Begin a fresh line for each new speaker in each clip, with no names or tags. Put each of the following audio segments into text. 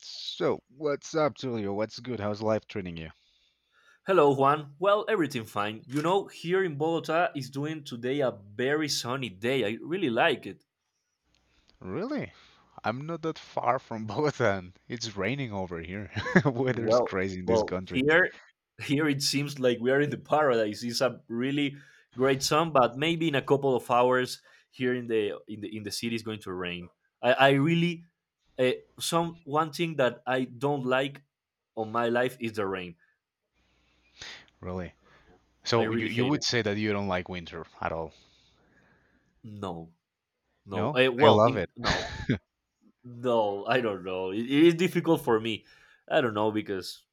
So, what's up, Julio? What's good? How's life treating you?
Hello, Juan. Well, everything fine. You know, here in Bogota is doing today a very sunny day. I really like it.
Really? I'm not that far from Bogota. It's raining over here. Weather's
Well,
crazy in this
well,
country.
here, here it seems like we are in the paradise. It's a really great sun, but maybe in a couple of hours here in the city is going to rain. I really some one thing that I don't like on my life is the rain.
Really.
I
So you
really
you
hate it.
would say that you don't like winter at all?
No, no.
No? I love it.
No. No, I don't know. It is difficult for me. I don't know because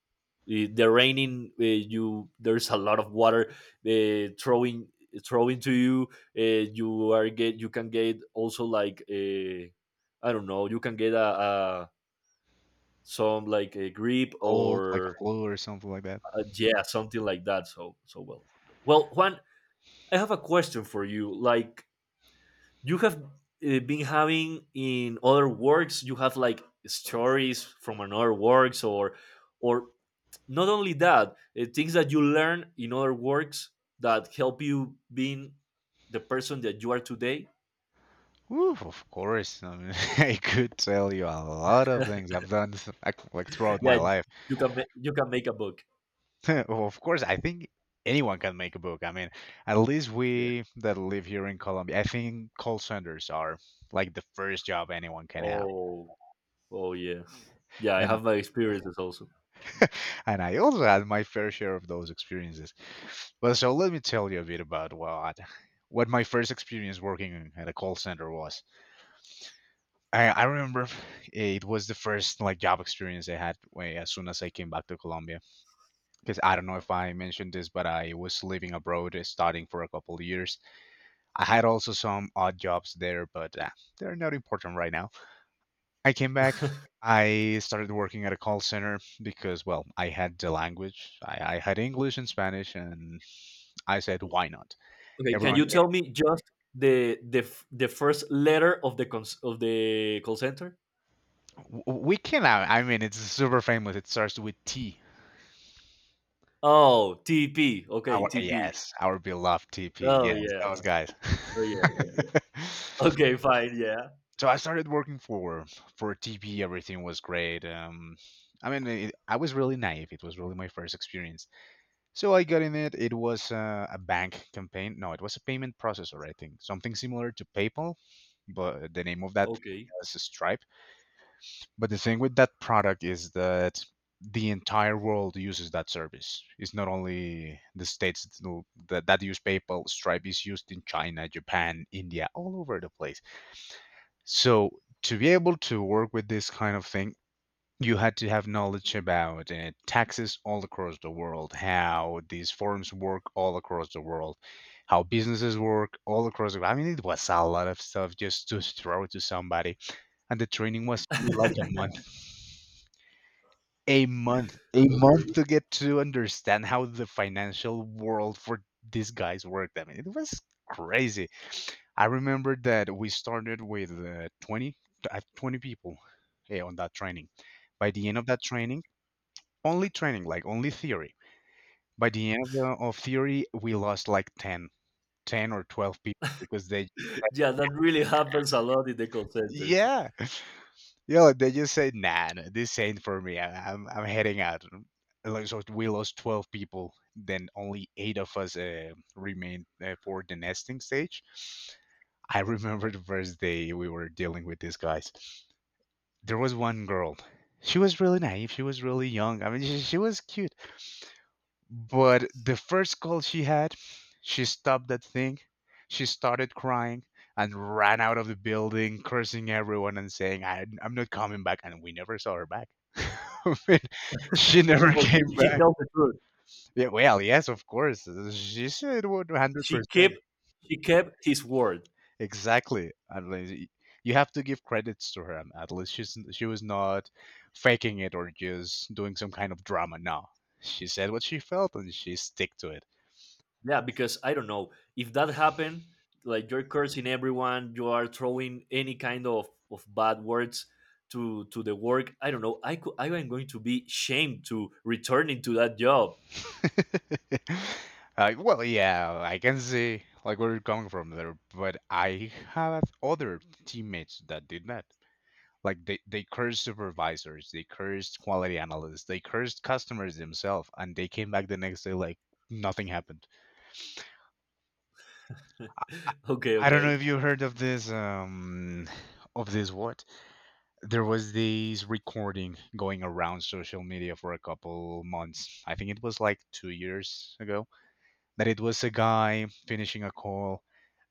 the raining, you there's a lot of water uh, throwing throwing to you. You are get you can get also like I don't know. You can get a some like a grip
Cold, like a
or
flu or something like that.
yeah, something like that. Well, Juan, I have a question for you. Like you have been having in other works, you have like stories from another works or not only that, things that you learn in other works that help you being the person that you are today.
Woo, of course. I mean, I could tell you a lot of things I've done like throughout
Yeah,
my life.
you can you can make a book.
Well, of course, I think anyone can make a book. I mean, at least
Yeah.
we that live here in Colombia, I think call centers are like the first job anyone can have.
oh oh yeah. Yeah I
And
have my experiences also.
and I also had my fair share of those experiences. Well, so let me tell you a bit about what my first experience working at a call center was. I remember it was the first like job experience I had when as soon as I came back to Colombia. Because I don't know if I mentioned this, but I was living abroad, studying for a couple of years. I had also some odd jobs there, but they're not important right now. I came back. I started working at a call center because, well, I had the language. I had English and Spanish, and I said, why not?
okay, can
Everyone,
you tell me just the first letter of the call center?
we can. I mean, it's super famous. It starts with T.
Oh, TP, okay.
Our,
TP.
yes, our beloved TP.
Oh
Yes,
yeah.
those guys.
Oh yeah, yeah. Okay, fine, yeah.
So I started working for TP. Everything was great. I mean, it, I was really naive. It was really my first experience. So I got in it. It was a bank campaign. No, it was a payment processor, I think. Something similar to PayPal, but the name of that
Okay.
was Stripe. But the thing with that product is that the entire world uses that service. It's not only the states that, use PayPal. Stripe is used in China, Japan, India, all over the place. So to be able to work with this kind of thing, you had to have knowledge about taxes all across the world, how these forms work all across the world, how businesses work all across the world. I mean, it was a lot of stuff just to throw to somebody. And the training was only like a month. A month. A
Okay.
month to get to understand how the financial world for these guys worked. I mean, it was crazy. I remember that we started with 20 people on that training. By the end of that training, only training, like only theory. By the end of, the, of theory, we lost like 10 or 12 people because they,
Yeah, that really happens a lot in the call centers.
yeah, yeah, like, they just said, nah, no, this ain't for me. I'm heading out. And, like, so we lost 12 people. Then only eight of us remained for the nesting stage. I remember the first day we were dealing with these guys. There was one girl. She was really naive. She was really young. I mean, she was cute. But the first call she had, she stopped that thing. She started crying and ran out of the building, cursing everyone and saying, I, I'm not coming back. And we never saw her back. I mean, she never
Well, she,
came
she
back.
tells the truth.
Yeah, well, yes, of course. She said
She kept
100%.
she kept his word.
Exactly. You have to give credits to her. At least she was not faking it or just doing some kind of drama. No. She said what she felt and she stick to it.
Yeah, because I don't know. If that happened, like you're cursing everyone, you are throwing any kind of bad words to the work. I don't know. I am going to be shamed to returning to that job.
Well, yeah, I can see like where you're coming from there, but I have other teammates that did that. Like they cursed supervisors, they cursed quality analysts, they cursed customers themselves, and they came back the next day like nothing happened. I,
Okay,
I don't know
okay.
if you heard of this what? There was this recording going around social media for a couple months. I think it was like 2 years ago that it was a guy finishing a call,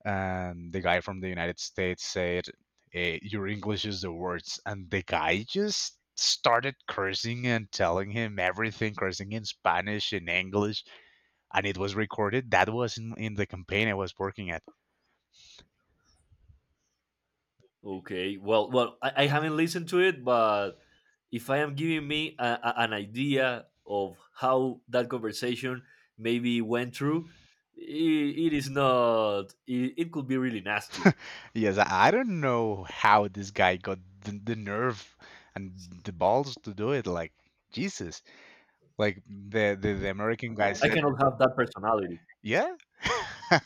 and the guy from the United States said, "Your English is the worst," and the guy just started cursing and telling him everything, cursing in Spanish, in English, and it was recorded. That was in the campaign I was working at.
Okay. Well, I haven't listened to it, but if I am giving me an idea of how that conversation maybe went through, it is not. It could be really nasty.
Yes, I don't know how this guy got the nerve and the balls to do it. Like Jesus, like the American guy
I
said,
cannot have that personality.
yeah.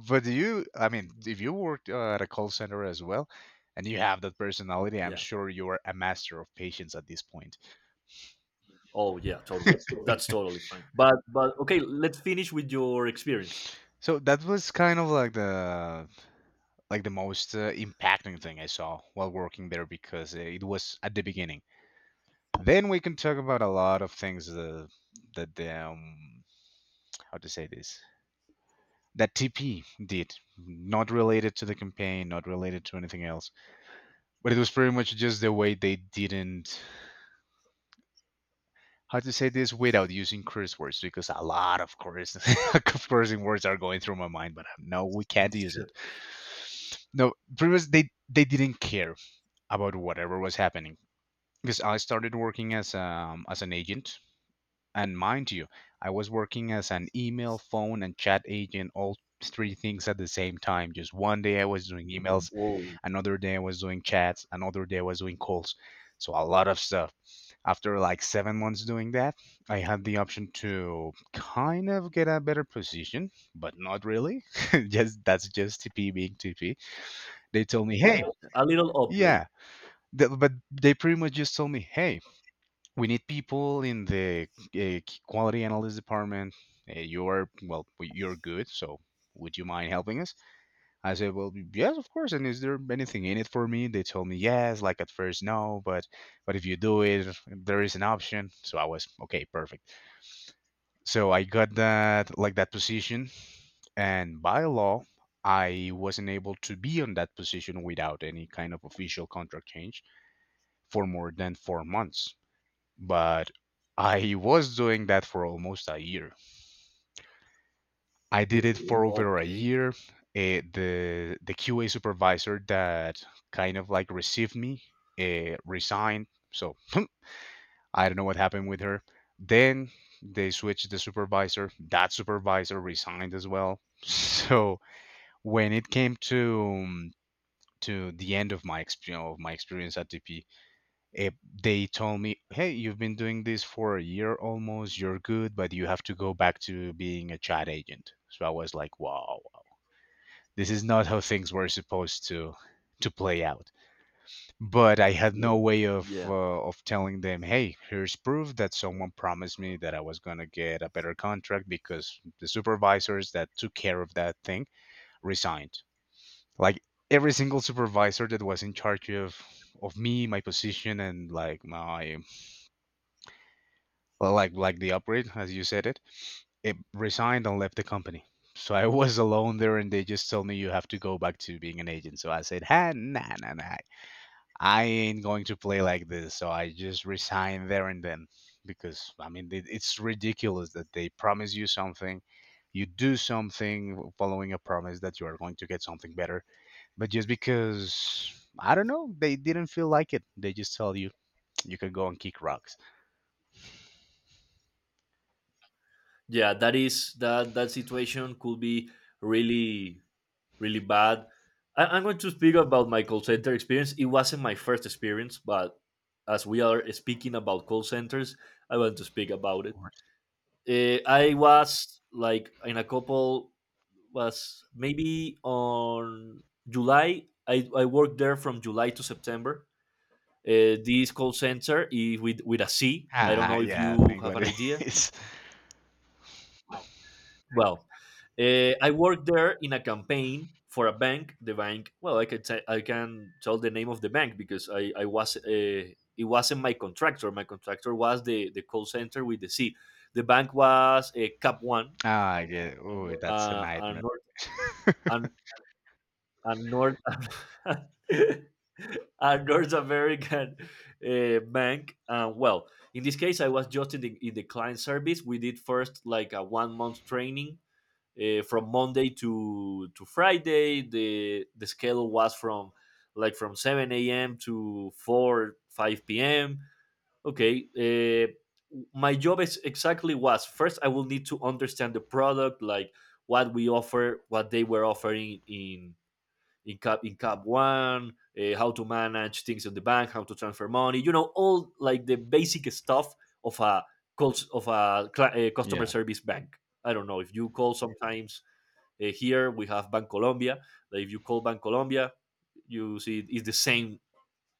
But do you, I mean, if you worked at a call center as well, and you have that personality, I'm
Yeah.
sure you're a master of patience at this point.
Oh yeah, totally. That's totally fine. But okay, let's finish with your experience.
So that was kind of like the most impacting thing I saw while working there because it was at the beginning. Then we can talk about a lot of things that the how to say this, that TP did, not related to the campaign, not related to anything else. But it was pretty much just the way they didn't, how to say this without using curse words, because a lot of curse of cursing words are going through my mind, but no, we can't use
Sure.
it. No, previous, they didn't care about whatever was happening, because I started working as an agent, and mind you, I was working as an email, phone and chat agent, all three things at the same time. Just one day I was doing emails,
Oh,
another day I was doing chats, another day I was doing calls. So a lot of stuff. After like 7 months doing that, I had the option to kind of get a better position, but not really. Just that's just TP being TP. They told me, hey,
a little upgrade.
yeah. But they pretty much just told me, hey, we need people in the uh, quality analyst department. You're, well, you're good. So would you mind helping us? I said, well, yes, of course. And is there anything in it for me? They told me yes, like at first no, but if you do it, there is an option. So I was okay, perfect. So I got that position, and by law, I wasn't able to be on that position without any kind of official contract change for more than 4 months. But I was doing that for almost a year. I did it for over a
Okay.
year. The QA supervisor that kind of like received me resigned, so I don't know what happened with her. Then they switched the supervisor. That supervisor resigned as well. So when it came to the end of my experience at TP, eh, they told me, "Hey, you've been doing this for a year almost. You're good, but you have to go back to being a chat agent." So I was like, "Wow, this is not how things were supposed to play out. But I had no way
Yeah.
of telling them, hey, here's proof that someone promised me that I was gonna get a better contract, because the supervisors that took care of that thing resigned. Like every single supervisor that was in charge of me, my position, and like the upgrade, as you said it, it resigned and left the company. So I was alone there, and they just told me you have to go back to being an agent. So I said, "Ha, nah, nah, nah. I ain't going to play like this." So I just resign there and then, because I mean it, it's ridiculous that they promise you something, you do something following a promise that you are going to get something better, but just because I don't know, they didn't feel like it. They just tell you you can go and kick rocks.
Yeah. That is that that situation could be really really bad. I'm going to speak about my call center experience. It wasn't my first experience, but as we are speaking about call centers, I want to speak about it. I was like in a couple, was maybe on July. I worked there from July to September. This call center is with a C. I don't
Ah,
know if
yeah, I
you
think
have
what
an
it
idea.
is.
Well, I worked there in a campaign for a bank. The bank, well, I can tell the name of the bank because I was, it wasn't my contractor. My contractor was the call center with the C. The bank was a Cap One,
Ah, yeah. Oh, that's a
a
nightmare.
North an, a North a North American bank. Well, in this case, I was just in the client service. We did first like a 1 month training, from Monday to Friday. The schedule was from like from 7 a.m. to 4 5 p.m. Okay, my job is exactly was first I will need to understand the product, like what we offer, what they were offering in cap one, how to manage things in the bank, how to transfer money, you know, all like the basic stuff of a calls of a customer
Yeah.
service bank. I don't know if you call sometimes, here we have Bancolombia. Like if you call Bancolombia, you see it's the same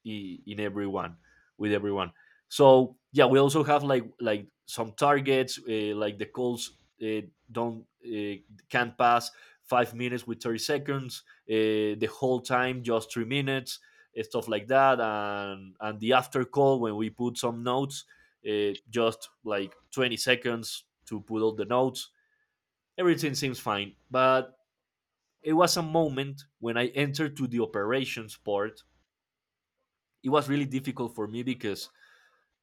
in everyone with everyone. So yeah, we also have like some targets, like the calls uh, don't can't pass 5 minutes with 30 seconds. Uh, the whole time just 3 minutes, stuff like that, and the after call when we put some notes, just like 20 seconds to put all the notes. Everything seems fine, but it was a moment when I entered to the operations part. It was really difficult for me because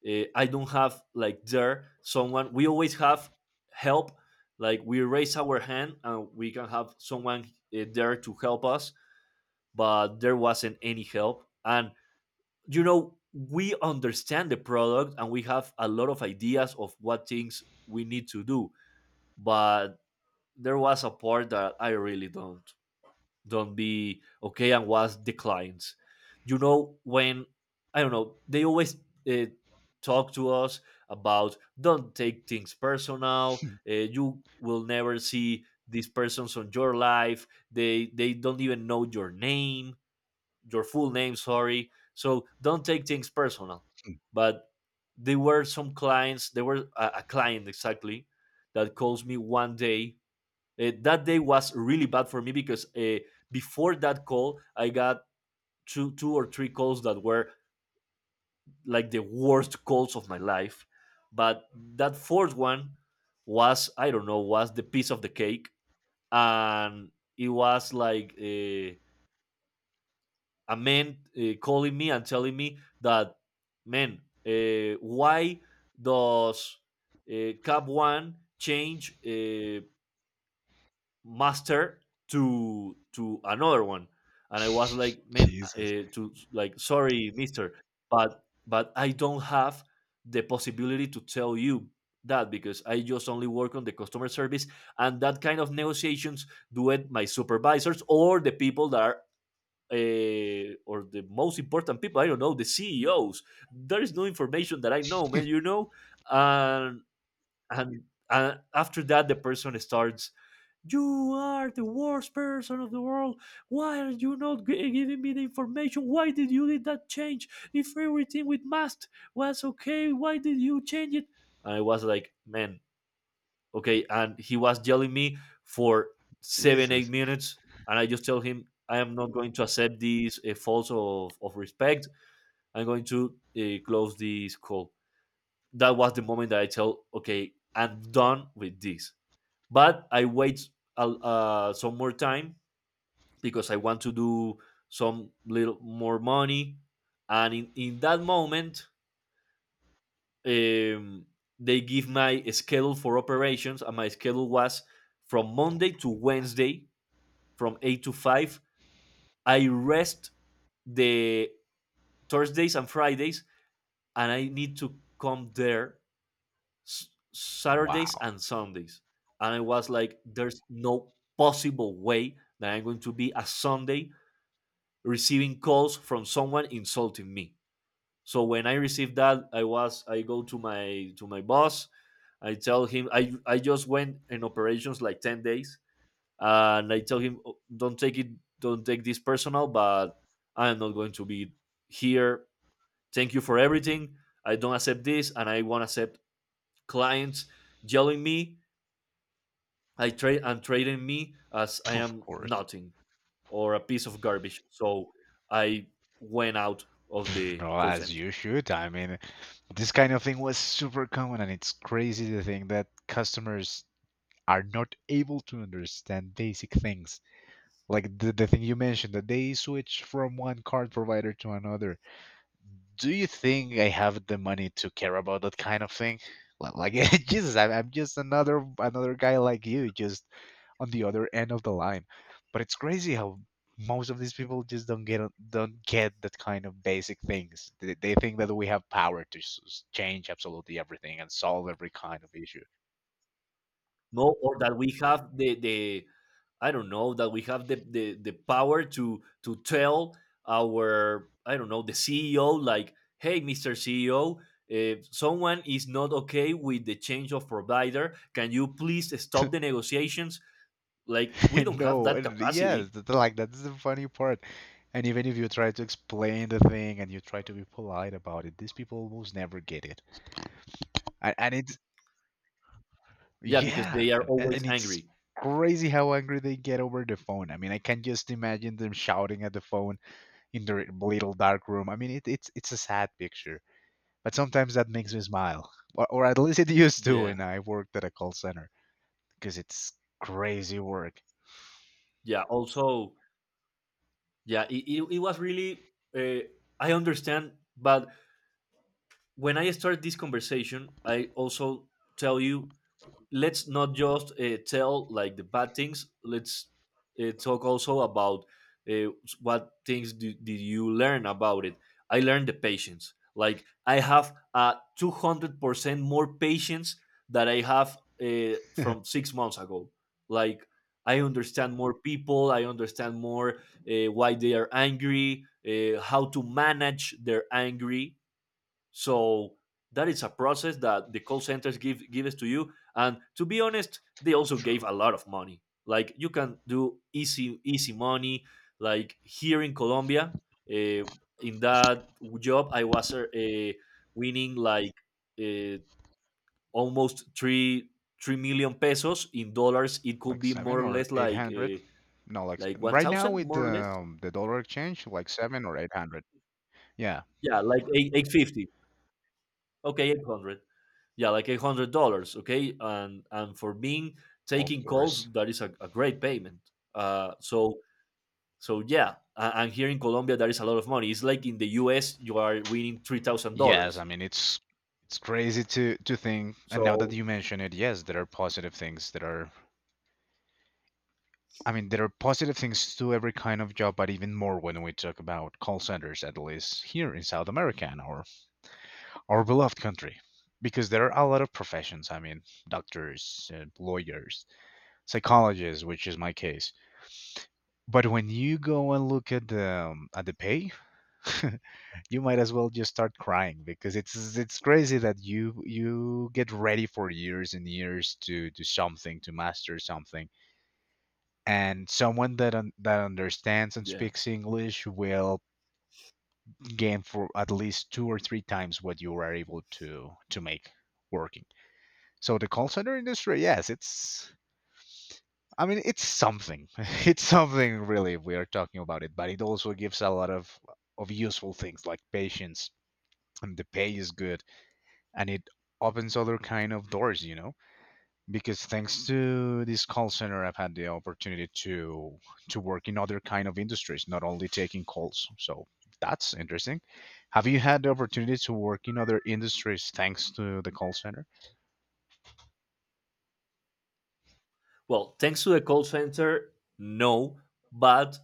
I don't have like there someone. We always have help. Like we raise our hand and we can have someone there to help us, but there wasn't any help. And you know, we understand the product and we have a lot of ideas of what things we need to do, but there was a part that I really don't. Don't be okay and was declines. You know, when I don't know they always uh, talk to us about don't take things personal. You will never see these persons on your life. They don't even know your name, your full name. Sorry. So don't take things personal. But there were some clients. There were a client exactly that calls me one day, that day was really bad for me because, before that call, I got two or three calls that were like the worst calls of my life. But that fourth one was, I don't know, was the piece of the cake. And it was like a man, calling me and telling me that, man, why does, Cap One change, master to another one? And I was like, man,
Jesus.
to like sorry, mister, but I don't have the possibility to tell you that because I just only work on the customer service and that kind of negotiations do it my supervisors or the people that are, or the most important people, I don't know, the CEOs. There is no information that I know, man, you know. and and, and after that the person starts, you are the worst person of the world. Why are you not giving me the information? Why did you did that change? If everything with must was okay, why did you change it? And I was like, man, okay. And he was yelling me for seven, eight
Jesus.
minutes, and I just tell him I am not going to accept this, false of respect. I'm going to, close this call. That was the moment that I tell, okay, I'm done with this. But I wait some more time because I want to do some little more money. And in that moment, um, they give my schedule for operations, and my schedule was from Monday to Wednesday, from 8 to 5. I rest the Thursdays and Fridays, and I need to come there Saturdays
Wow.
and Sundays. And I was like, there's no possible way that I'm going to be a Sunday receiving calls from someone insulting me. So when I received that, I was I go to my boss. I tell him I just went in operations like 10 days, and I tell him, "Oh, don't take this personal, but I am not going to be here. Thank you for everything. I don't accept this, and I won't accept clients yelling me. I trade and trading me as I
Of
am
course.
nothing or a piece of garbage." So I went out of
Pff,
the
no,
call
as
center.
you should. I mean, this kind of thing was super common, and it's crazy to think that customers are not able to understand basic things. Like the thing you mentioned, that they switch from one card provider to another, do you think I have the money to care about that kind of thing? Like, Jesus, I'm just another guy like you, just on the other end of the line. But it's crazy how most of these people just don't get that kind of basic things. They think that we have power to change absolutely everything and solve every kind of issue.
No, or that we have the, I don't know, that we have the power to tell our, I don't know, the CEO, like, hey, Mr. CEO, if someone is not okay with the change of provider, can you please stop the negotiations? Like we don't have
No,
that
and yes,
capacity.
that's like that's the funny part. And even if you try to explain the thing and you try to be polite about it, these people almost never get it. And it
Yeah, because
Yeah,
they are
and,
always
and it's
angry.
crazy how angry they get over the phone. I mean, I can just imagine them shouting at the phone in their little dark room. I mean, it's a sad picture, but sometimes that makes me smile, or at least it used to
Yeah.
when I worked at a call center because it's crazy work.
Yeah, also. Yeah, it was really, uh, I understand, but when I start this conversation, I also tell you, let's not just, tell like the bad things. Let's, talk also about, uh, what things do, did you learn about it. I learned the patience. Like I have, 200% more patience that I have, from 6 months ago. Like I understand more people. I understand more, why they are angry, how to manage their angry. So that is a process that the call centers gives to you. And to be honest, they also gave
True.
a lot of money. Like you can do easy money. Like here in Colombia, uh, in that job, I was, winning like, uh, almost three million pesos in dollars. It could
Like
be more
seven
or
or
less
eight
like,
hundred? No,
like one
right now
thousand,
with
more
the
or less.
um, the dollar exchange, like seven or eight hundred. Yeah.
Yeah, like eight fifty. Okay, 800. Yeah, like $800, okay. And for being
Of
taking calls,
course.
that is a great payment. uh so so, yeah, and here in Colombia that is a lot of money. It's like in the US you are winning three thousand
Yes,
dollars
I mean it's crazy to think, and now that
So,
you mention it, yes, there are positive things that are I mean there are positive things to every kind of job, but even more when we talk about call centers, at least here in South America and our beloved country. Because there are a lot of professions, I mean, doctors, lawyers, psychologists, which is my case. But when you go and look at the pay, you might as well just start crying because it's crazy that you get ready for years and years to do something to master something and someone that understands and
yeah,
speaks English will gain for at least two or three times what you are able to make working. So the call center industry, yes, it's I mean it's something, it's something really, if we are talking about it, but it also gives a lot of useful things like patience, and the pay is good, and it opens other kind of doors, because thanks to this call center I've had the opportunity to work in other kind of industries, not only taking calls. So that's interesting. Have you had the opportunity to work in other industries thanks to the call center?
well, thanks to the call center, no. But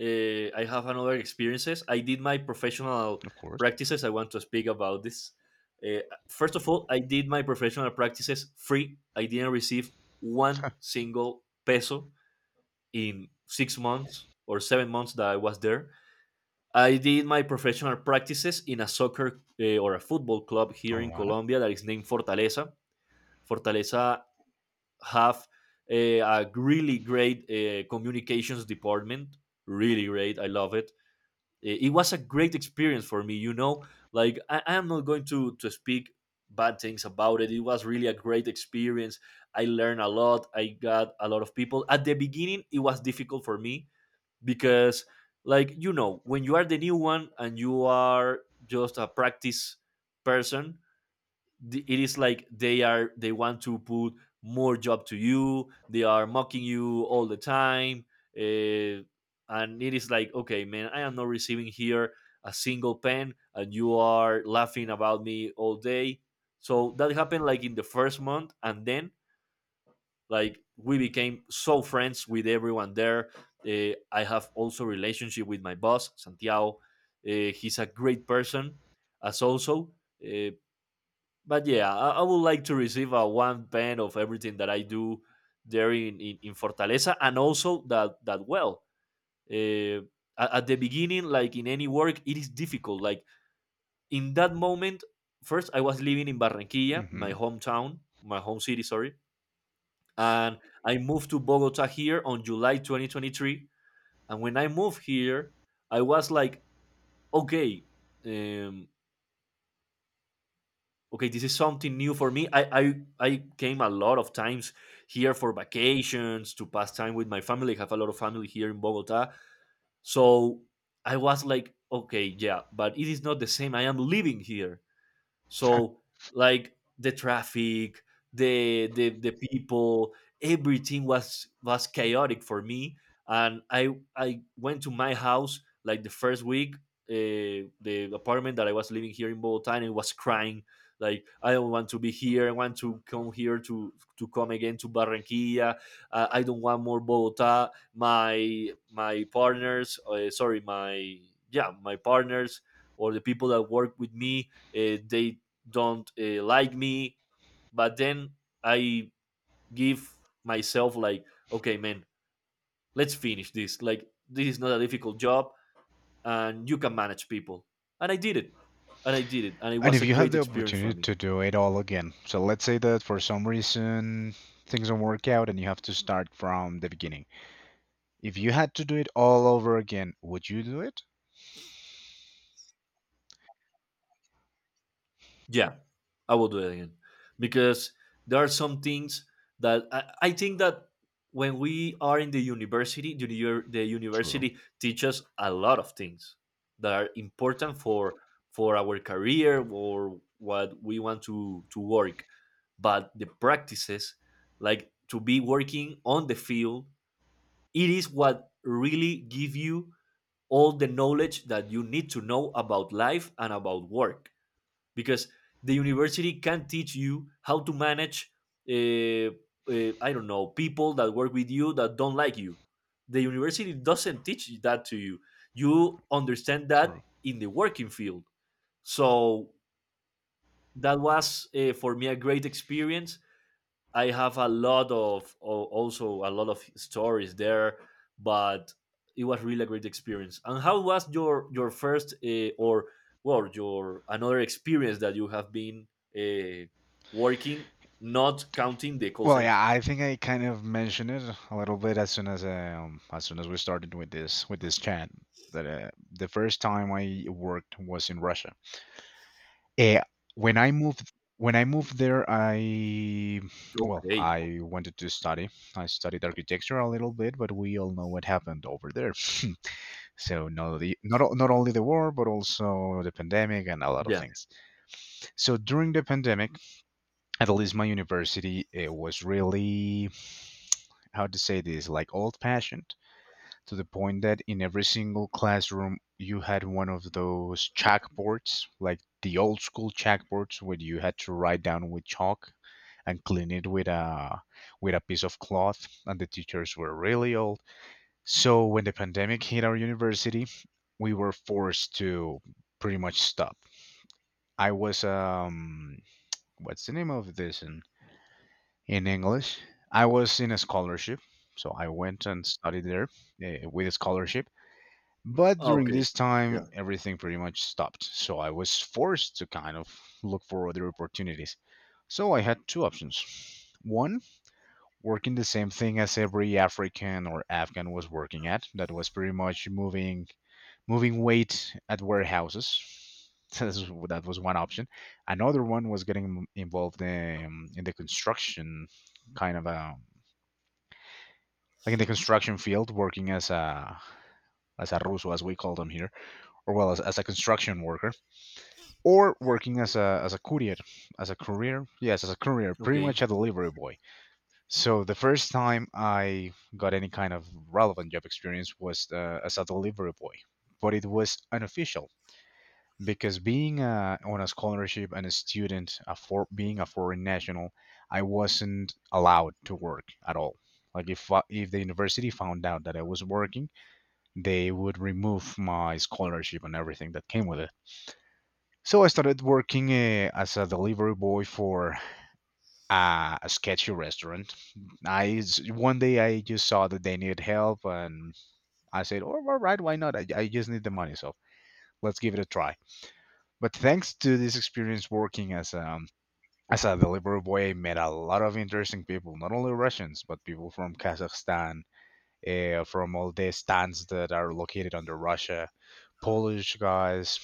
I have another experiences. I did my professional
Of course.
practices. I want to speak about this. uh, First of all, I did my professional practices free. I didn't receive one single peso in 6 months or 7 months that I was there. I did my professional practices in a soccer, or a football club, here
All
in
right.
Colombia, that is named Fortaleza. Fortaleza have a really great communications department. Really great. I love it. It was a great experience for me. Like, I am not going to speak bad things about it. It was really a great experience. I learned a lot. I got a lot of people. At the beginning, it was difficult for me, because, like, you know when you are the new one, and you are just a practice person. It is like, they want to put more job to you, they are mocking you all the time. uh, and it is like, okay, man, I am not receiving here a single pen, and you are laughing about me all day. So that happened like in the first month, and then, like, we became so friends with everyone there. I have also relationship with my boss Santiago. He's a great person, as also. uh, but yeah, I would like to receive a one pen of everything that I do there in Fortaleza, and also that, well, uh, at the beginning, like in any work, it is difficult, like in that moment. First, I was living in Barranquilla, my
Mm-hmm.
hometown, my home city, sorry, and I moved to Bogota here on July 2023. And when I moved here, I was like, okay, um, okay, this is something new for me. I came a lot of times here for vacations to pass time with my family. I have a lot of family here in Bogota, so I was like, okay, yeah, but it is not the same. I am living here. So, like, the traffic, the people, everything was chaotic for me. And I went to my house like the first week, the apartment that I was living here in Bogota, and I was crying, like, I don't want to be here. I want to come here to come again to Barranquilla. I don't want more Bogota. My partners, sorry, my partners, or the people that work with me, they don't like me. But then I give myself like, okay, man, let's finish this. Like, this is not a difficult job, and you can manage people. And I did it. And I did it. And it
And
was
if
a
you had
great
the
experience for
opportunity
me.
to do it all again, so let's say that for some reason things don't work out and you have to start from the beginning. If you had to do it all over again, would you do it?
Yeah, I will do it again because there are some things that I think that when we are in the university, the
True.
university teaches a lot of things that are important for our career, or what we want to work. But the practices, like to be working on the field, it is what really give you all the knowledge that you need to know about life and about work. Because the university can teach you how to manage, I don't know, people that work with you that don't like you. The university doesn't teach that to you. You understand that
True.
in the working field. So that was, for me, a great experience. I have a lot of also a lot of stories there, but it was really a great experience. And how was your first, or, well, your another experience that you have been, uh, working, not counting the call
Well, yeah,
center?
I think I kind of mentioned it a little bit as soon as we started with this chat that the first time I worked was in Russia. Eh, when I moved when I moved there, I well,
Okay.
I wanted to study. I studied architecture a little bit, but we all know what happened over there. So not only the war, but also the pandemic and a lot of
Yeah,
things. So during the pandemic, at least my university, it was really, how to say this, like old fashioned, to the point that in every single classroom you had one of those chalkboards, like the old school chalkboards where you had to write down with chalk and clean it with a piece of cloth, and the teachers were really old. So when the pandemic hit our university, we were forced to pretty much stop. I was, what's the name of this, in English? I was in a scholarship, so I went and studied there with a scholarship. But during
okay,
this
yeah,
time, everything pretty much stopped. So I was forced to kind of look for other opportunities. So I had two options. One, working the same thing as every African or Afghan was working at. That was pretty much moving weight at warehouses. That's- that was one option. Another one was getting involved in the construction, kind of a like in the construction field, working as a ruso, as we call them here, or well, as a construction worker, or working as a courier, as a courier, pretty
okay,
much a delivery boy. So the first time I got any kind of relevant job experience was as a delivery boy, but it was unofficial because, being on a scholarship and a student, being a foreign national, I wasn't allowed to work at all. Like if the university found out that I was working, they would remove my scholarship and everything that came with it. So I started working as a delivery boy for a sketchy restaurant. One day I just saw that they needed help, and I said, "Oh, all right, why not? I just need the money, so let's give it a try." But thanks to this experience working as a delivery boy, I met a lot of interesting people, not only Russians but people from Kazakhstan, from all the stands that are located under Russia, Polish guys,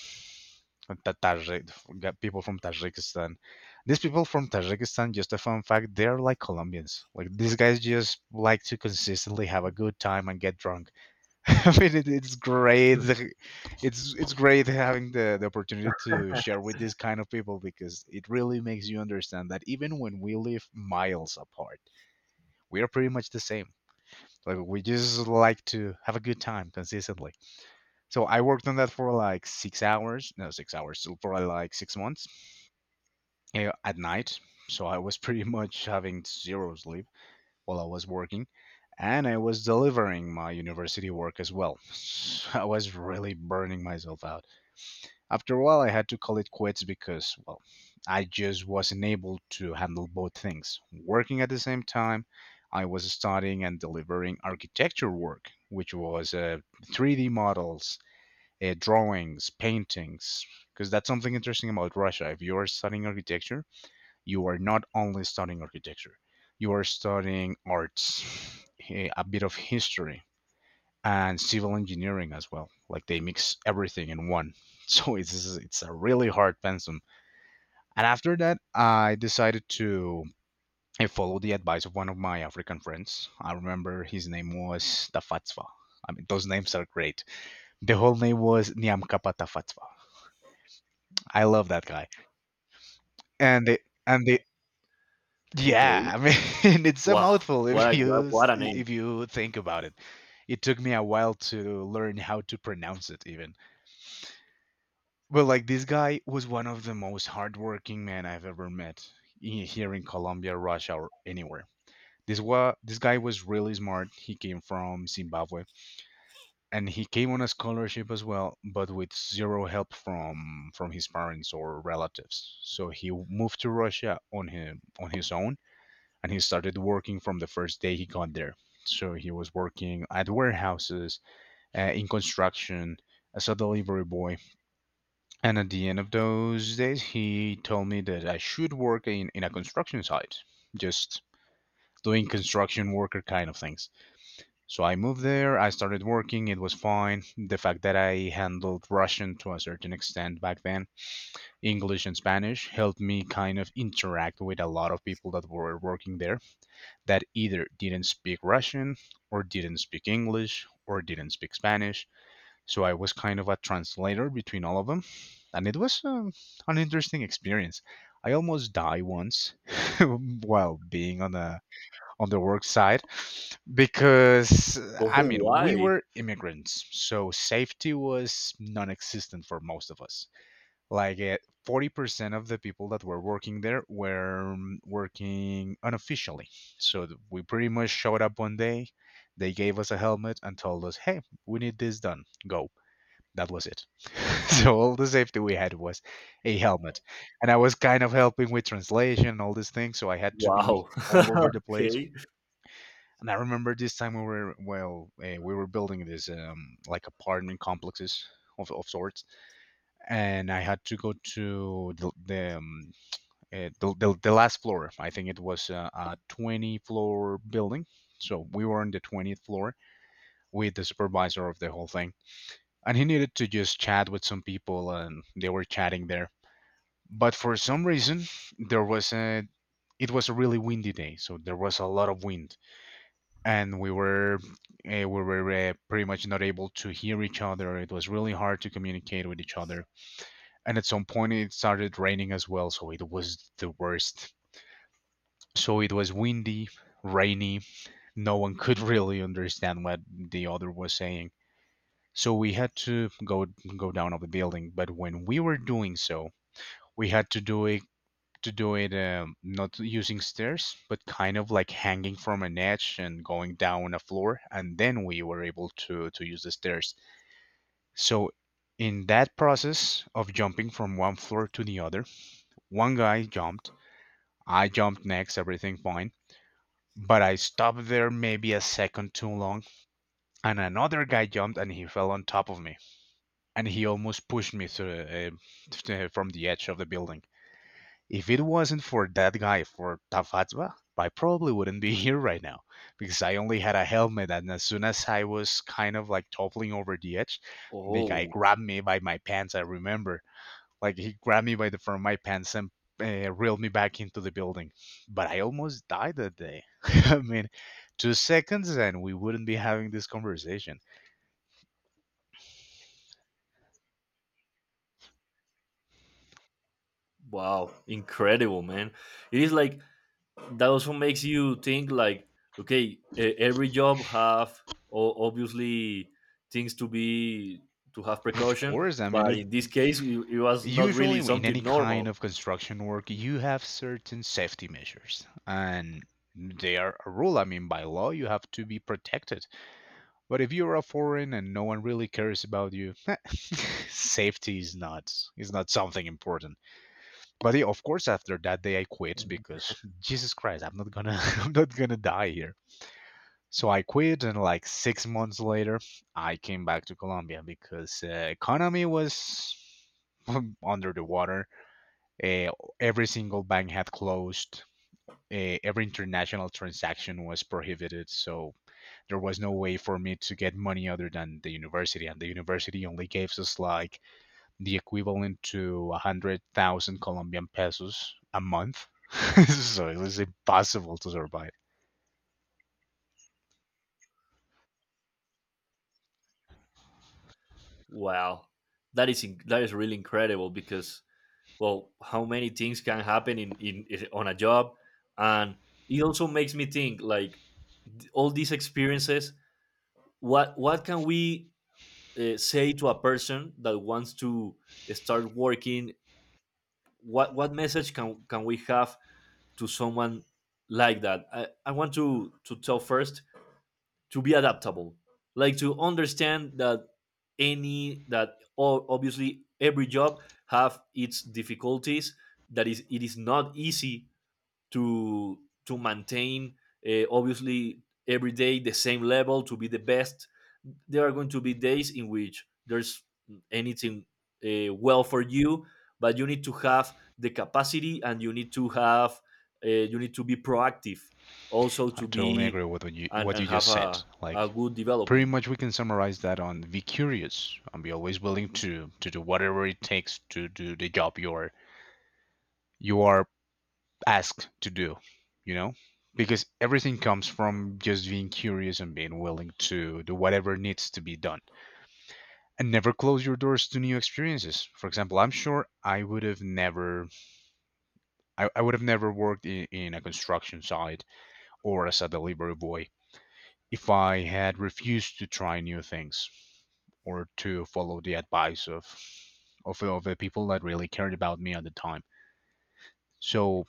Tajik, people from Tajikistan. These people from Tajikistan, just a fun fact, they're like Colombians. Like these guys just like to consistently have a good time and get drunk. I mean, it's great. It's great having the opportunity to share with these kind of people, because it really makes you understand that even when we live miles apart, we are pretty much the same. Like we just like to have a good time consistently. So I worked on that for like 6 hours. No, 6 hours. So for like 6 months, at night. So I was pretty much having zero sleep while I was working. And I was delivering my university work as well. I was really burning myself out. After a while, I had to call it quits because, well, I just wasn't able to handle both things. Working at the same time, I was studying and delivering architecture work, which was 3D models, drawings, paintings, because that's something interesting about Russia. If you are studying architecture, you are not only studying architecture, you are studying arts, a bit of history, and civil engineering as well. Like they mix everything in one. So it's a really hard pensum. And after that, I decided to I followed the advice of one of my African friends. I remember his name was Tafatswa. I mean, those names are great. The whole name was Nyamkapa Tafatswa. I love that guy. And the and the yeah,
okay.
I mean, it's a
Wow,
mouthful if
what a, what
you
what
s-
a name!
if you think about it. It took me a while to learn how to pronounce it, even. Well, like this guy was one of the most hardworking men I've ever met, here in Colombia, Russia, or anywhere. This guy was really smart. He came from Zimbabwe, and he came on a scholarship as well, but with zero help from his parents or relatives. So moved to Russia on his own, and he started working from the first day he got there. So he was working at warehouses, in construction, as a delivery boy, and at the end of those days, he told me that I should work in a construction site, just doing construction worker kind of things. So I moved there, I started working, it was fine. The fact that I handled Russian to a certain extent back then, English and Spanish, helped me kind of interact with a lot of people that were working there that either didn't speak Russian, or didn't speak English, or didn't speak Spanish, so I was kind of a translator between all of them, and it was, an interesting experience. I almost died once while being on the work side, because I
Oh,
mean we
why?
were immigrants, so safety was non-existent for most of us. Like 40% of the people that were working there were working unofficially. So we pretty much showed up one day, they gave us a helmet and told us, "Hey, we need this done. Go." That was it. So all the safety we had was a helmet, and I was kind of helping with translation and all these things. So I had to be
Wow.
all over the place.
Okay.
And I remember this time, we were, we were building this, like apartment complexes. Of sorts, and I had to go to the last floor. I think it was a 20 floor building, so we were on the 20th floor with the supervisor of the whole thing, and he needed to just chat with some people and they were chatting there. But for some reason there was a, it was a really windy day, so there was a lot of wind and we were pretty much not able to hear each other. It was really hard to communicate with each other, and at some point it started raining as well, so it was the worst. So it was windy, rainy, no one could really understand what the other was saying. So we had to go, go down of the building, but when we were doing so, we had to do it not using stairs, but kind of like hanging from an edge and going down a floor, and then we were able to use the stairs. So in that process of jumping from one floor to the other, one guy jumped, I jumped next, everything fine. But I stopped there maybe a second too long, and another guy jumped and he fell on top of me, and he almost pushed me through, from the edge of the building. If it wasn't for that guy, for Tafatva, I probably wouldn't be here right now, because I only had a helmet. And as soon as I was kind of like toppling over the edge, the guy
Oh,
grabbed me by my pants. I remember, like he grabbed me by the front of my pants and reeled me back into the building. But I almost died that day. I mean, 2 seconds and we wouldn't be having this conversation.
wow! Incredible, man. It is like, that also makes you think, like, okay, every job have, obviously, things to have
Of
precaution.
course, I mean
But
it.
in this case, it was not really
Usually in
something
any kind
normal.
of construction work you have certain safety measures, and they are a rule, I mean by law you have to be protected. But if you're a foreign and no one really cares about you, safety is not something important. But yeah, of course after that day I quit, because Jesus Christ, I'm not gonna I'm not gonna die here. So I quit, and like 6 months later I came back to Colombia, because economy was under the water. uh, every single bank had closed. Every international transaction was prohibited. So there was no way for me to get money other than the university. And the university only gave us like the equivalent to 100,000 Colombian pesos a month. So it was impossible to survive.
Wow, that is that is really incredible, because, well, how many things can happen in on a job. And it also makes me think, like, all these experiences, what can we, say to a person that wants to start working. What message can we have to someone. Like that, I want to tell first, to be adaptable. Like, to understand that, obviously, every job have its difficulties. That is, it is not easy to to maintain, obviously, every day the same level, to be the best. There are going to be days in which there's anything, well, for you, but you need to have the capacity, and you need to have, you need to be proactive, also
I
to
totally
be,
agree with what you,
and,
what
and
you just
have
said.
a
Like,
good
pretty
developing.
much we can summarize that on be curious and be always willing to do whatever it takes to do the job you are asked to do, you know? Because everything comes from just being curious and being willing to do whatever needs to be done. And never close your doors to new experiences. For example, I'm sure I would have never I would have never worked in a construction site, or as a delivery boy, if I had refused to try new things, or to follow the advice of of the people that really cared about me at the time. So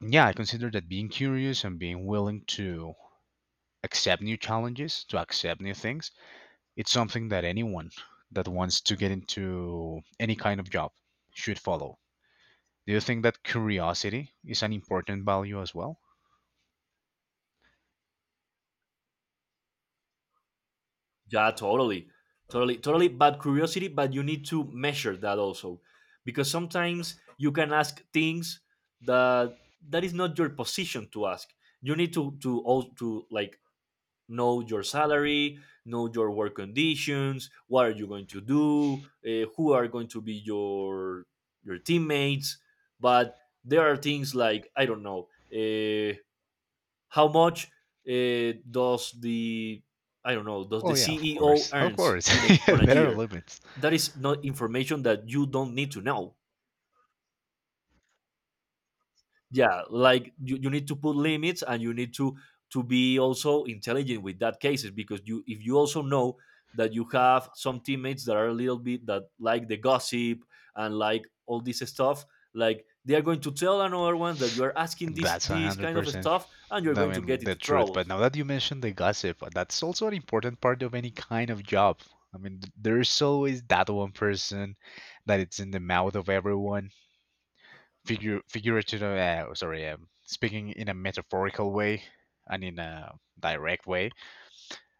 yeah, I consider that being curious and being willing to accept new challenges, to accept new things. It's something that anyone that wants to get into any kind of job should follow. Do you think that curiosity is an important value as well?
Yeah, totally. Totally, totally. But curiosity, but you need to measure that also. Because sometimes you can ask things that that is not your position to ask. You need to, like, know your salary, know your work conditions, what are you going to do, who are going to be your teammates. But there are things like, I don't know, uh, how much, does the I don't know does the
Oh yeah, of
CEO
course, of
earns
course. Yeah,
on a
there are
year?
limits.
That is not information that you don't need to know. Yeah, like, you need to put limits, and you need to be also intelligent with that cases. Because you, if you also know that you have some teammates that are a little bit, that like the gossip, and like all this stuff, like, they are going to tell another one that you are asking this
That's a
this
hundred
kind of
percent.
stuff, and you're
I
going to get
mean the
into
truth. But
troubles.
now that you mentioned the gossip, that's also an important part of any kind of job. I mean, there's always that one person that it's in the mouth of everyone, figure figurative, oh, sorry, speaking in a metaphorical way and in a direct way.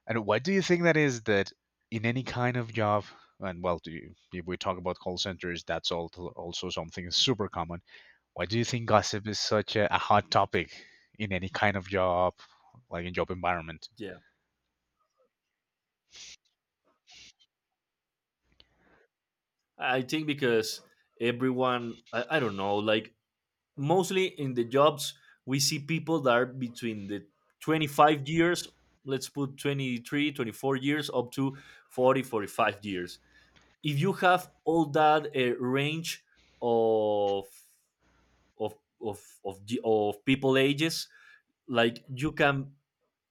And what do you think that is, that in any kind of job? And well, do you, if we talk about call centers, that's all, also something super common. Why do you think gossip is such a hot topic in any kind of job, like in job environment?
Yeah, I think because everyone, I don't know, like, mostly in the jobs, we see people that are between the 25 years, let's put 23, 24 years, up to 40, 45 years. If you have all that, range of, of, of people ages, like, you can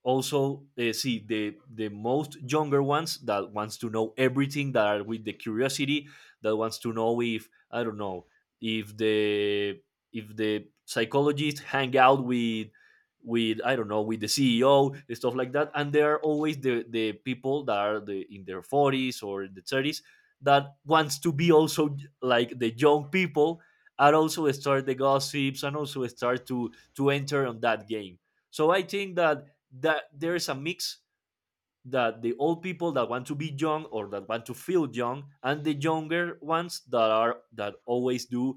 also, see the most younger ones that wants to know everything, that are with the curiosity, that wants to know if, I don't know, if the if the psychologists hang out with, I don't know, with the CEO, and stuff like that. And there are always the people that are the in their 40s or the 30s, that wants to be also like the young people, and also start the gossips, and also start to enter on that game. So I think that there's a mix, that the old people that want to be young, or that want to feel young, and the younger ones that always do,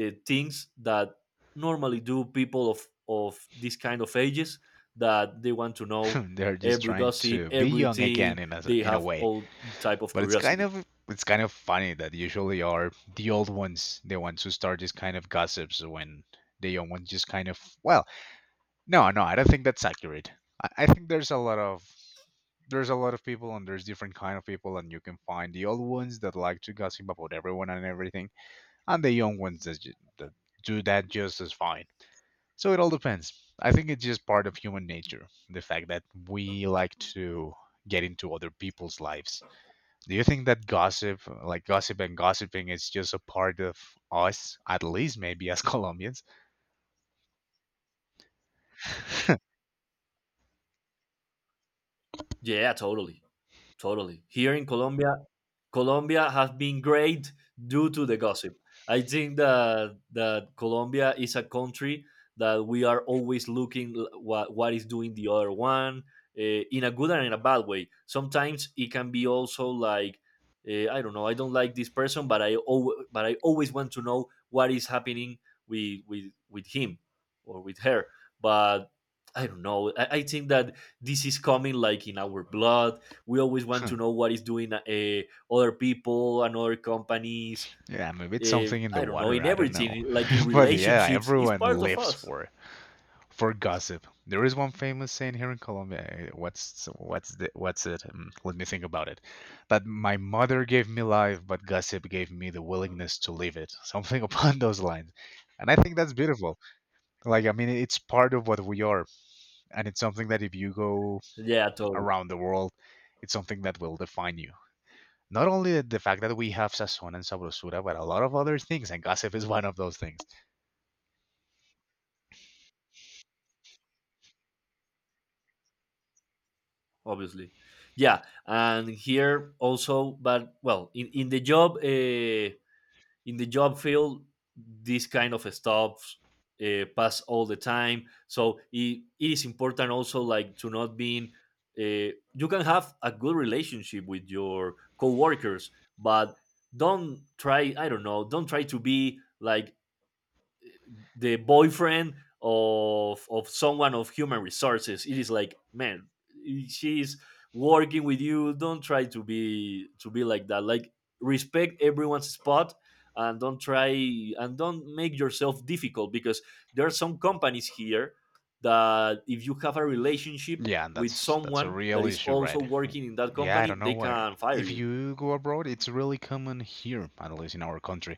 things that normally do people of this kind of ages, that they want to know
They're just
every
trying
gossip,
to be young again
everything.
in a,
They
in a
have
way.
all type of
But it's kind
curiosity.
of, it's kind of funny that usually are the old ones the ones who start this kind of gossips, when the young ones just kind of, well, no, no, I don't think that's accurate. I think there's a lot of, there's a lot of people, and there's different kind of people, and you can find the old ones that like to gossip about everyone and everything, and the young ones that, that do that just as fine. So it all depends. I think it's just part of human nature, the fact that we like to get into other people's lives. Do you think that gossip, like gossip and gossiping, is just a part of us, at least maybe as Colombians?
Yeah, totally. Totally, here in Colombia has been great due to the gossip. I think that Colombia is a country that we are always looking, what is doing the other one, in a good and in a bad way. Sometimes it can be also like, I don't know. I don't like this person, but I always want to know what is happening with him or with her. But I don't know. I think that this is coming like in our blood. We always want to
Huh.
know what is doing, other people and other companies.
Yeah, maybe it's something in
I
the
don't know,
water.
in
I don't know.
everything, like in
But yeah,
relationships, it's
everyone
part of
lives
us.
for gossip. There is one famous saying here in Colombia. Eh, what's the what's it? Let me think about it. That my mother gave me life, but gossip gave me the willingness to live it. Something upon those lines. And I think that's beautiful. Like I mean, it's part of what we are, and it's something that if you go
Yeah, totally.
around the world, it's something that will define you. Not only the fact that we have sazon and sabrosura, but a lot of other things, and gossip is one of those things.
Obviously. Yeah, and here also, but, well, in the job field, this kind of stuff, pass all the time. So it is important, also, like to not being. You can have a good relationship with your coworkers, but don't try. I don't know. Don't try to be like the boyfriend of someone of human resources. It is like, man, she's working with you. Don't try to be like that. Like, respect everyone's spot, and don't try, and don't make yourself difficult, because there are some companies here that, if you have a relationship
Yeah, and
with
that's a
someone that
real
is
issue,
also
right?
working in that
Yeah, I don't
company,
know
they
why.
can fire
If
you.
you go abroad, it's really common here, at least in our country,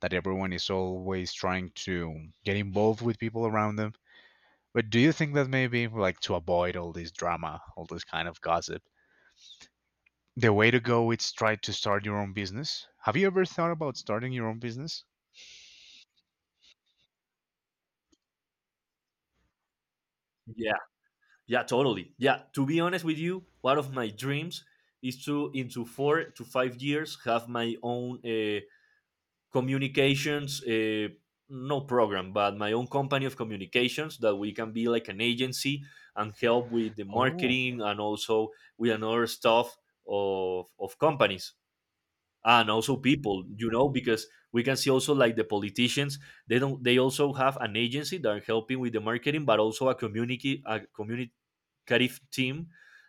that everyone is always trying to get involved with people around them. But do you think that maybe, like, to avoid all this drama, all this kind of gossip, the way to go is try to start your own business? Have you ever thought about starting your own business?
Yeah, totally. Yeah, to be honest with you, one of my dreams is to, into 4 to 5 years, have my own, communications, no, program, but my own company of communications, that we can be like an agency, and help with the marketing, and also with another stuff of companies, and also people, because we can see also, like, the politicians, they don't, they also have an agency that are helping with the marketing, but also a community, Carif team,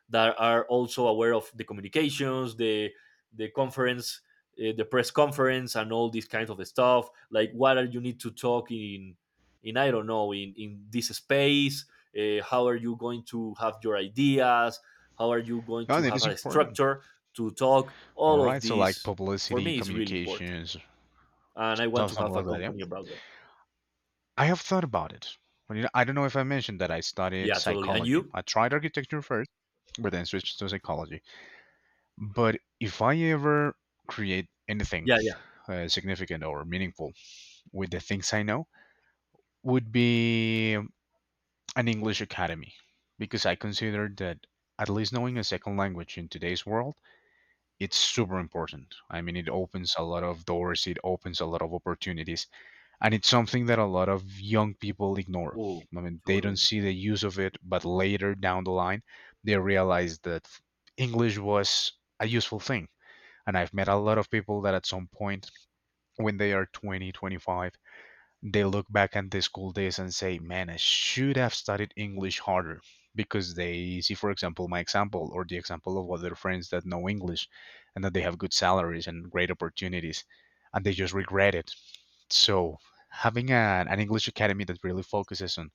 that are also aware of the communications, the conference, the press conference, and all these kinds of stuff. Like, what are you need to talk in, I don't know, in this space. How are you going to have your ideas? How are you going
No,
to
and it
have
is
a
important.
structure to talk?
All
All of
right, so like
this, for
publicity,
me, is really important,
communications,
and I want
so-
to
something
have a
like that. Yeah,
company about that.
I have thought about it. But, you know, I don't know if I mentioned that I studied
Yeah, totally. And
psychology.
you?
I tried architecture first, but then switched to psychology. But if I ever create anything
Yeah, yeah.
significant or meaningful with the things I know, would be an English academy, because I consider that at least knowing a second language in today's world, it's super important. I mean, it opens a lot of doors. It opens a lot of opportunities, and it's something that a lot of young people ignore.
Oh,
I mean, they don't
totally.
see the use of it, but later down the line, they realize that English was a useful thing. And I've met a lot of people that at some point, when they are 20, 25, they look back at the school days and say, man, I should have studied English harder. Because they see, for example, my example or the example of other friends that know English and that they have good salaries and great opportunities, and they just regret it. So, having an English academy that really focuses on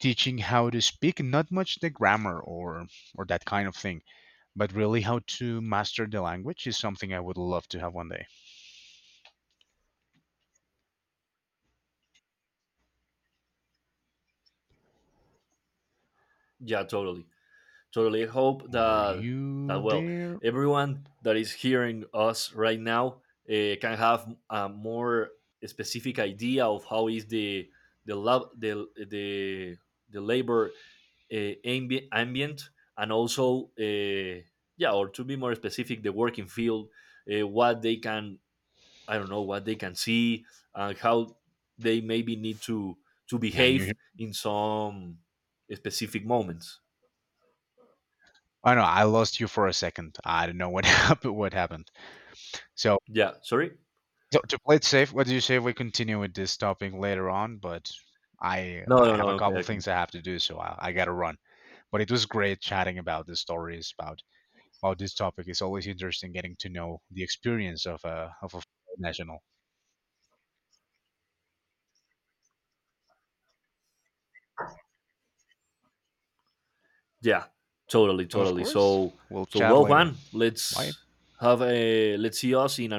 teaching how to speak, not much the grammar or that kind of thing, but really how to master the language is something I would love to have one day.
Yeah, totally. Totally, hope
Are
that
you
that well,
there?
everyone that is hearing us right now, can have a more specific idea of how is the lab the the, the labor, uh, ambient, and also, yeah, or to be more specific, the working field. What they can, I don't know, what they can see, and how they maybe need to
Can you
behave
hear-
in some specific moments.
Oh no, I lost you for a second. I don't know what happened. What happened? So,
Yeah, sorry.
so to play it safe, what do you say if we continue with this topic later on? But I
No, no,
I
no.
have a
Okay,
couple
okay.
things I have to do, so I gotta run. But it was great chatting about the stories about this topic. It's always interesting getting to know the experience of a national.
Yeah, totally,
Of
totally.
course.
So,
We'll chat
well,
later.
Juan,
Bye.
let's have a let's see us in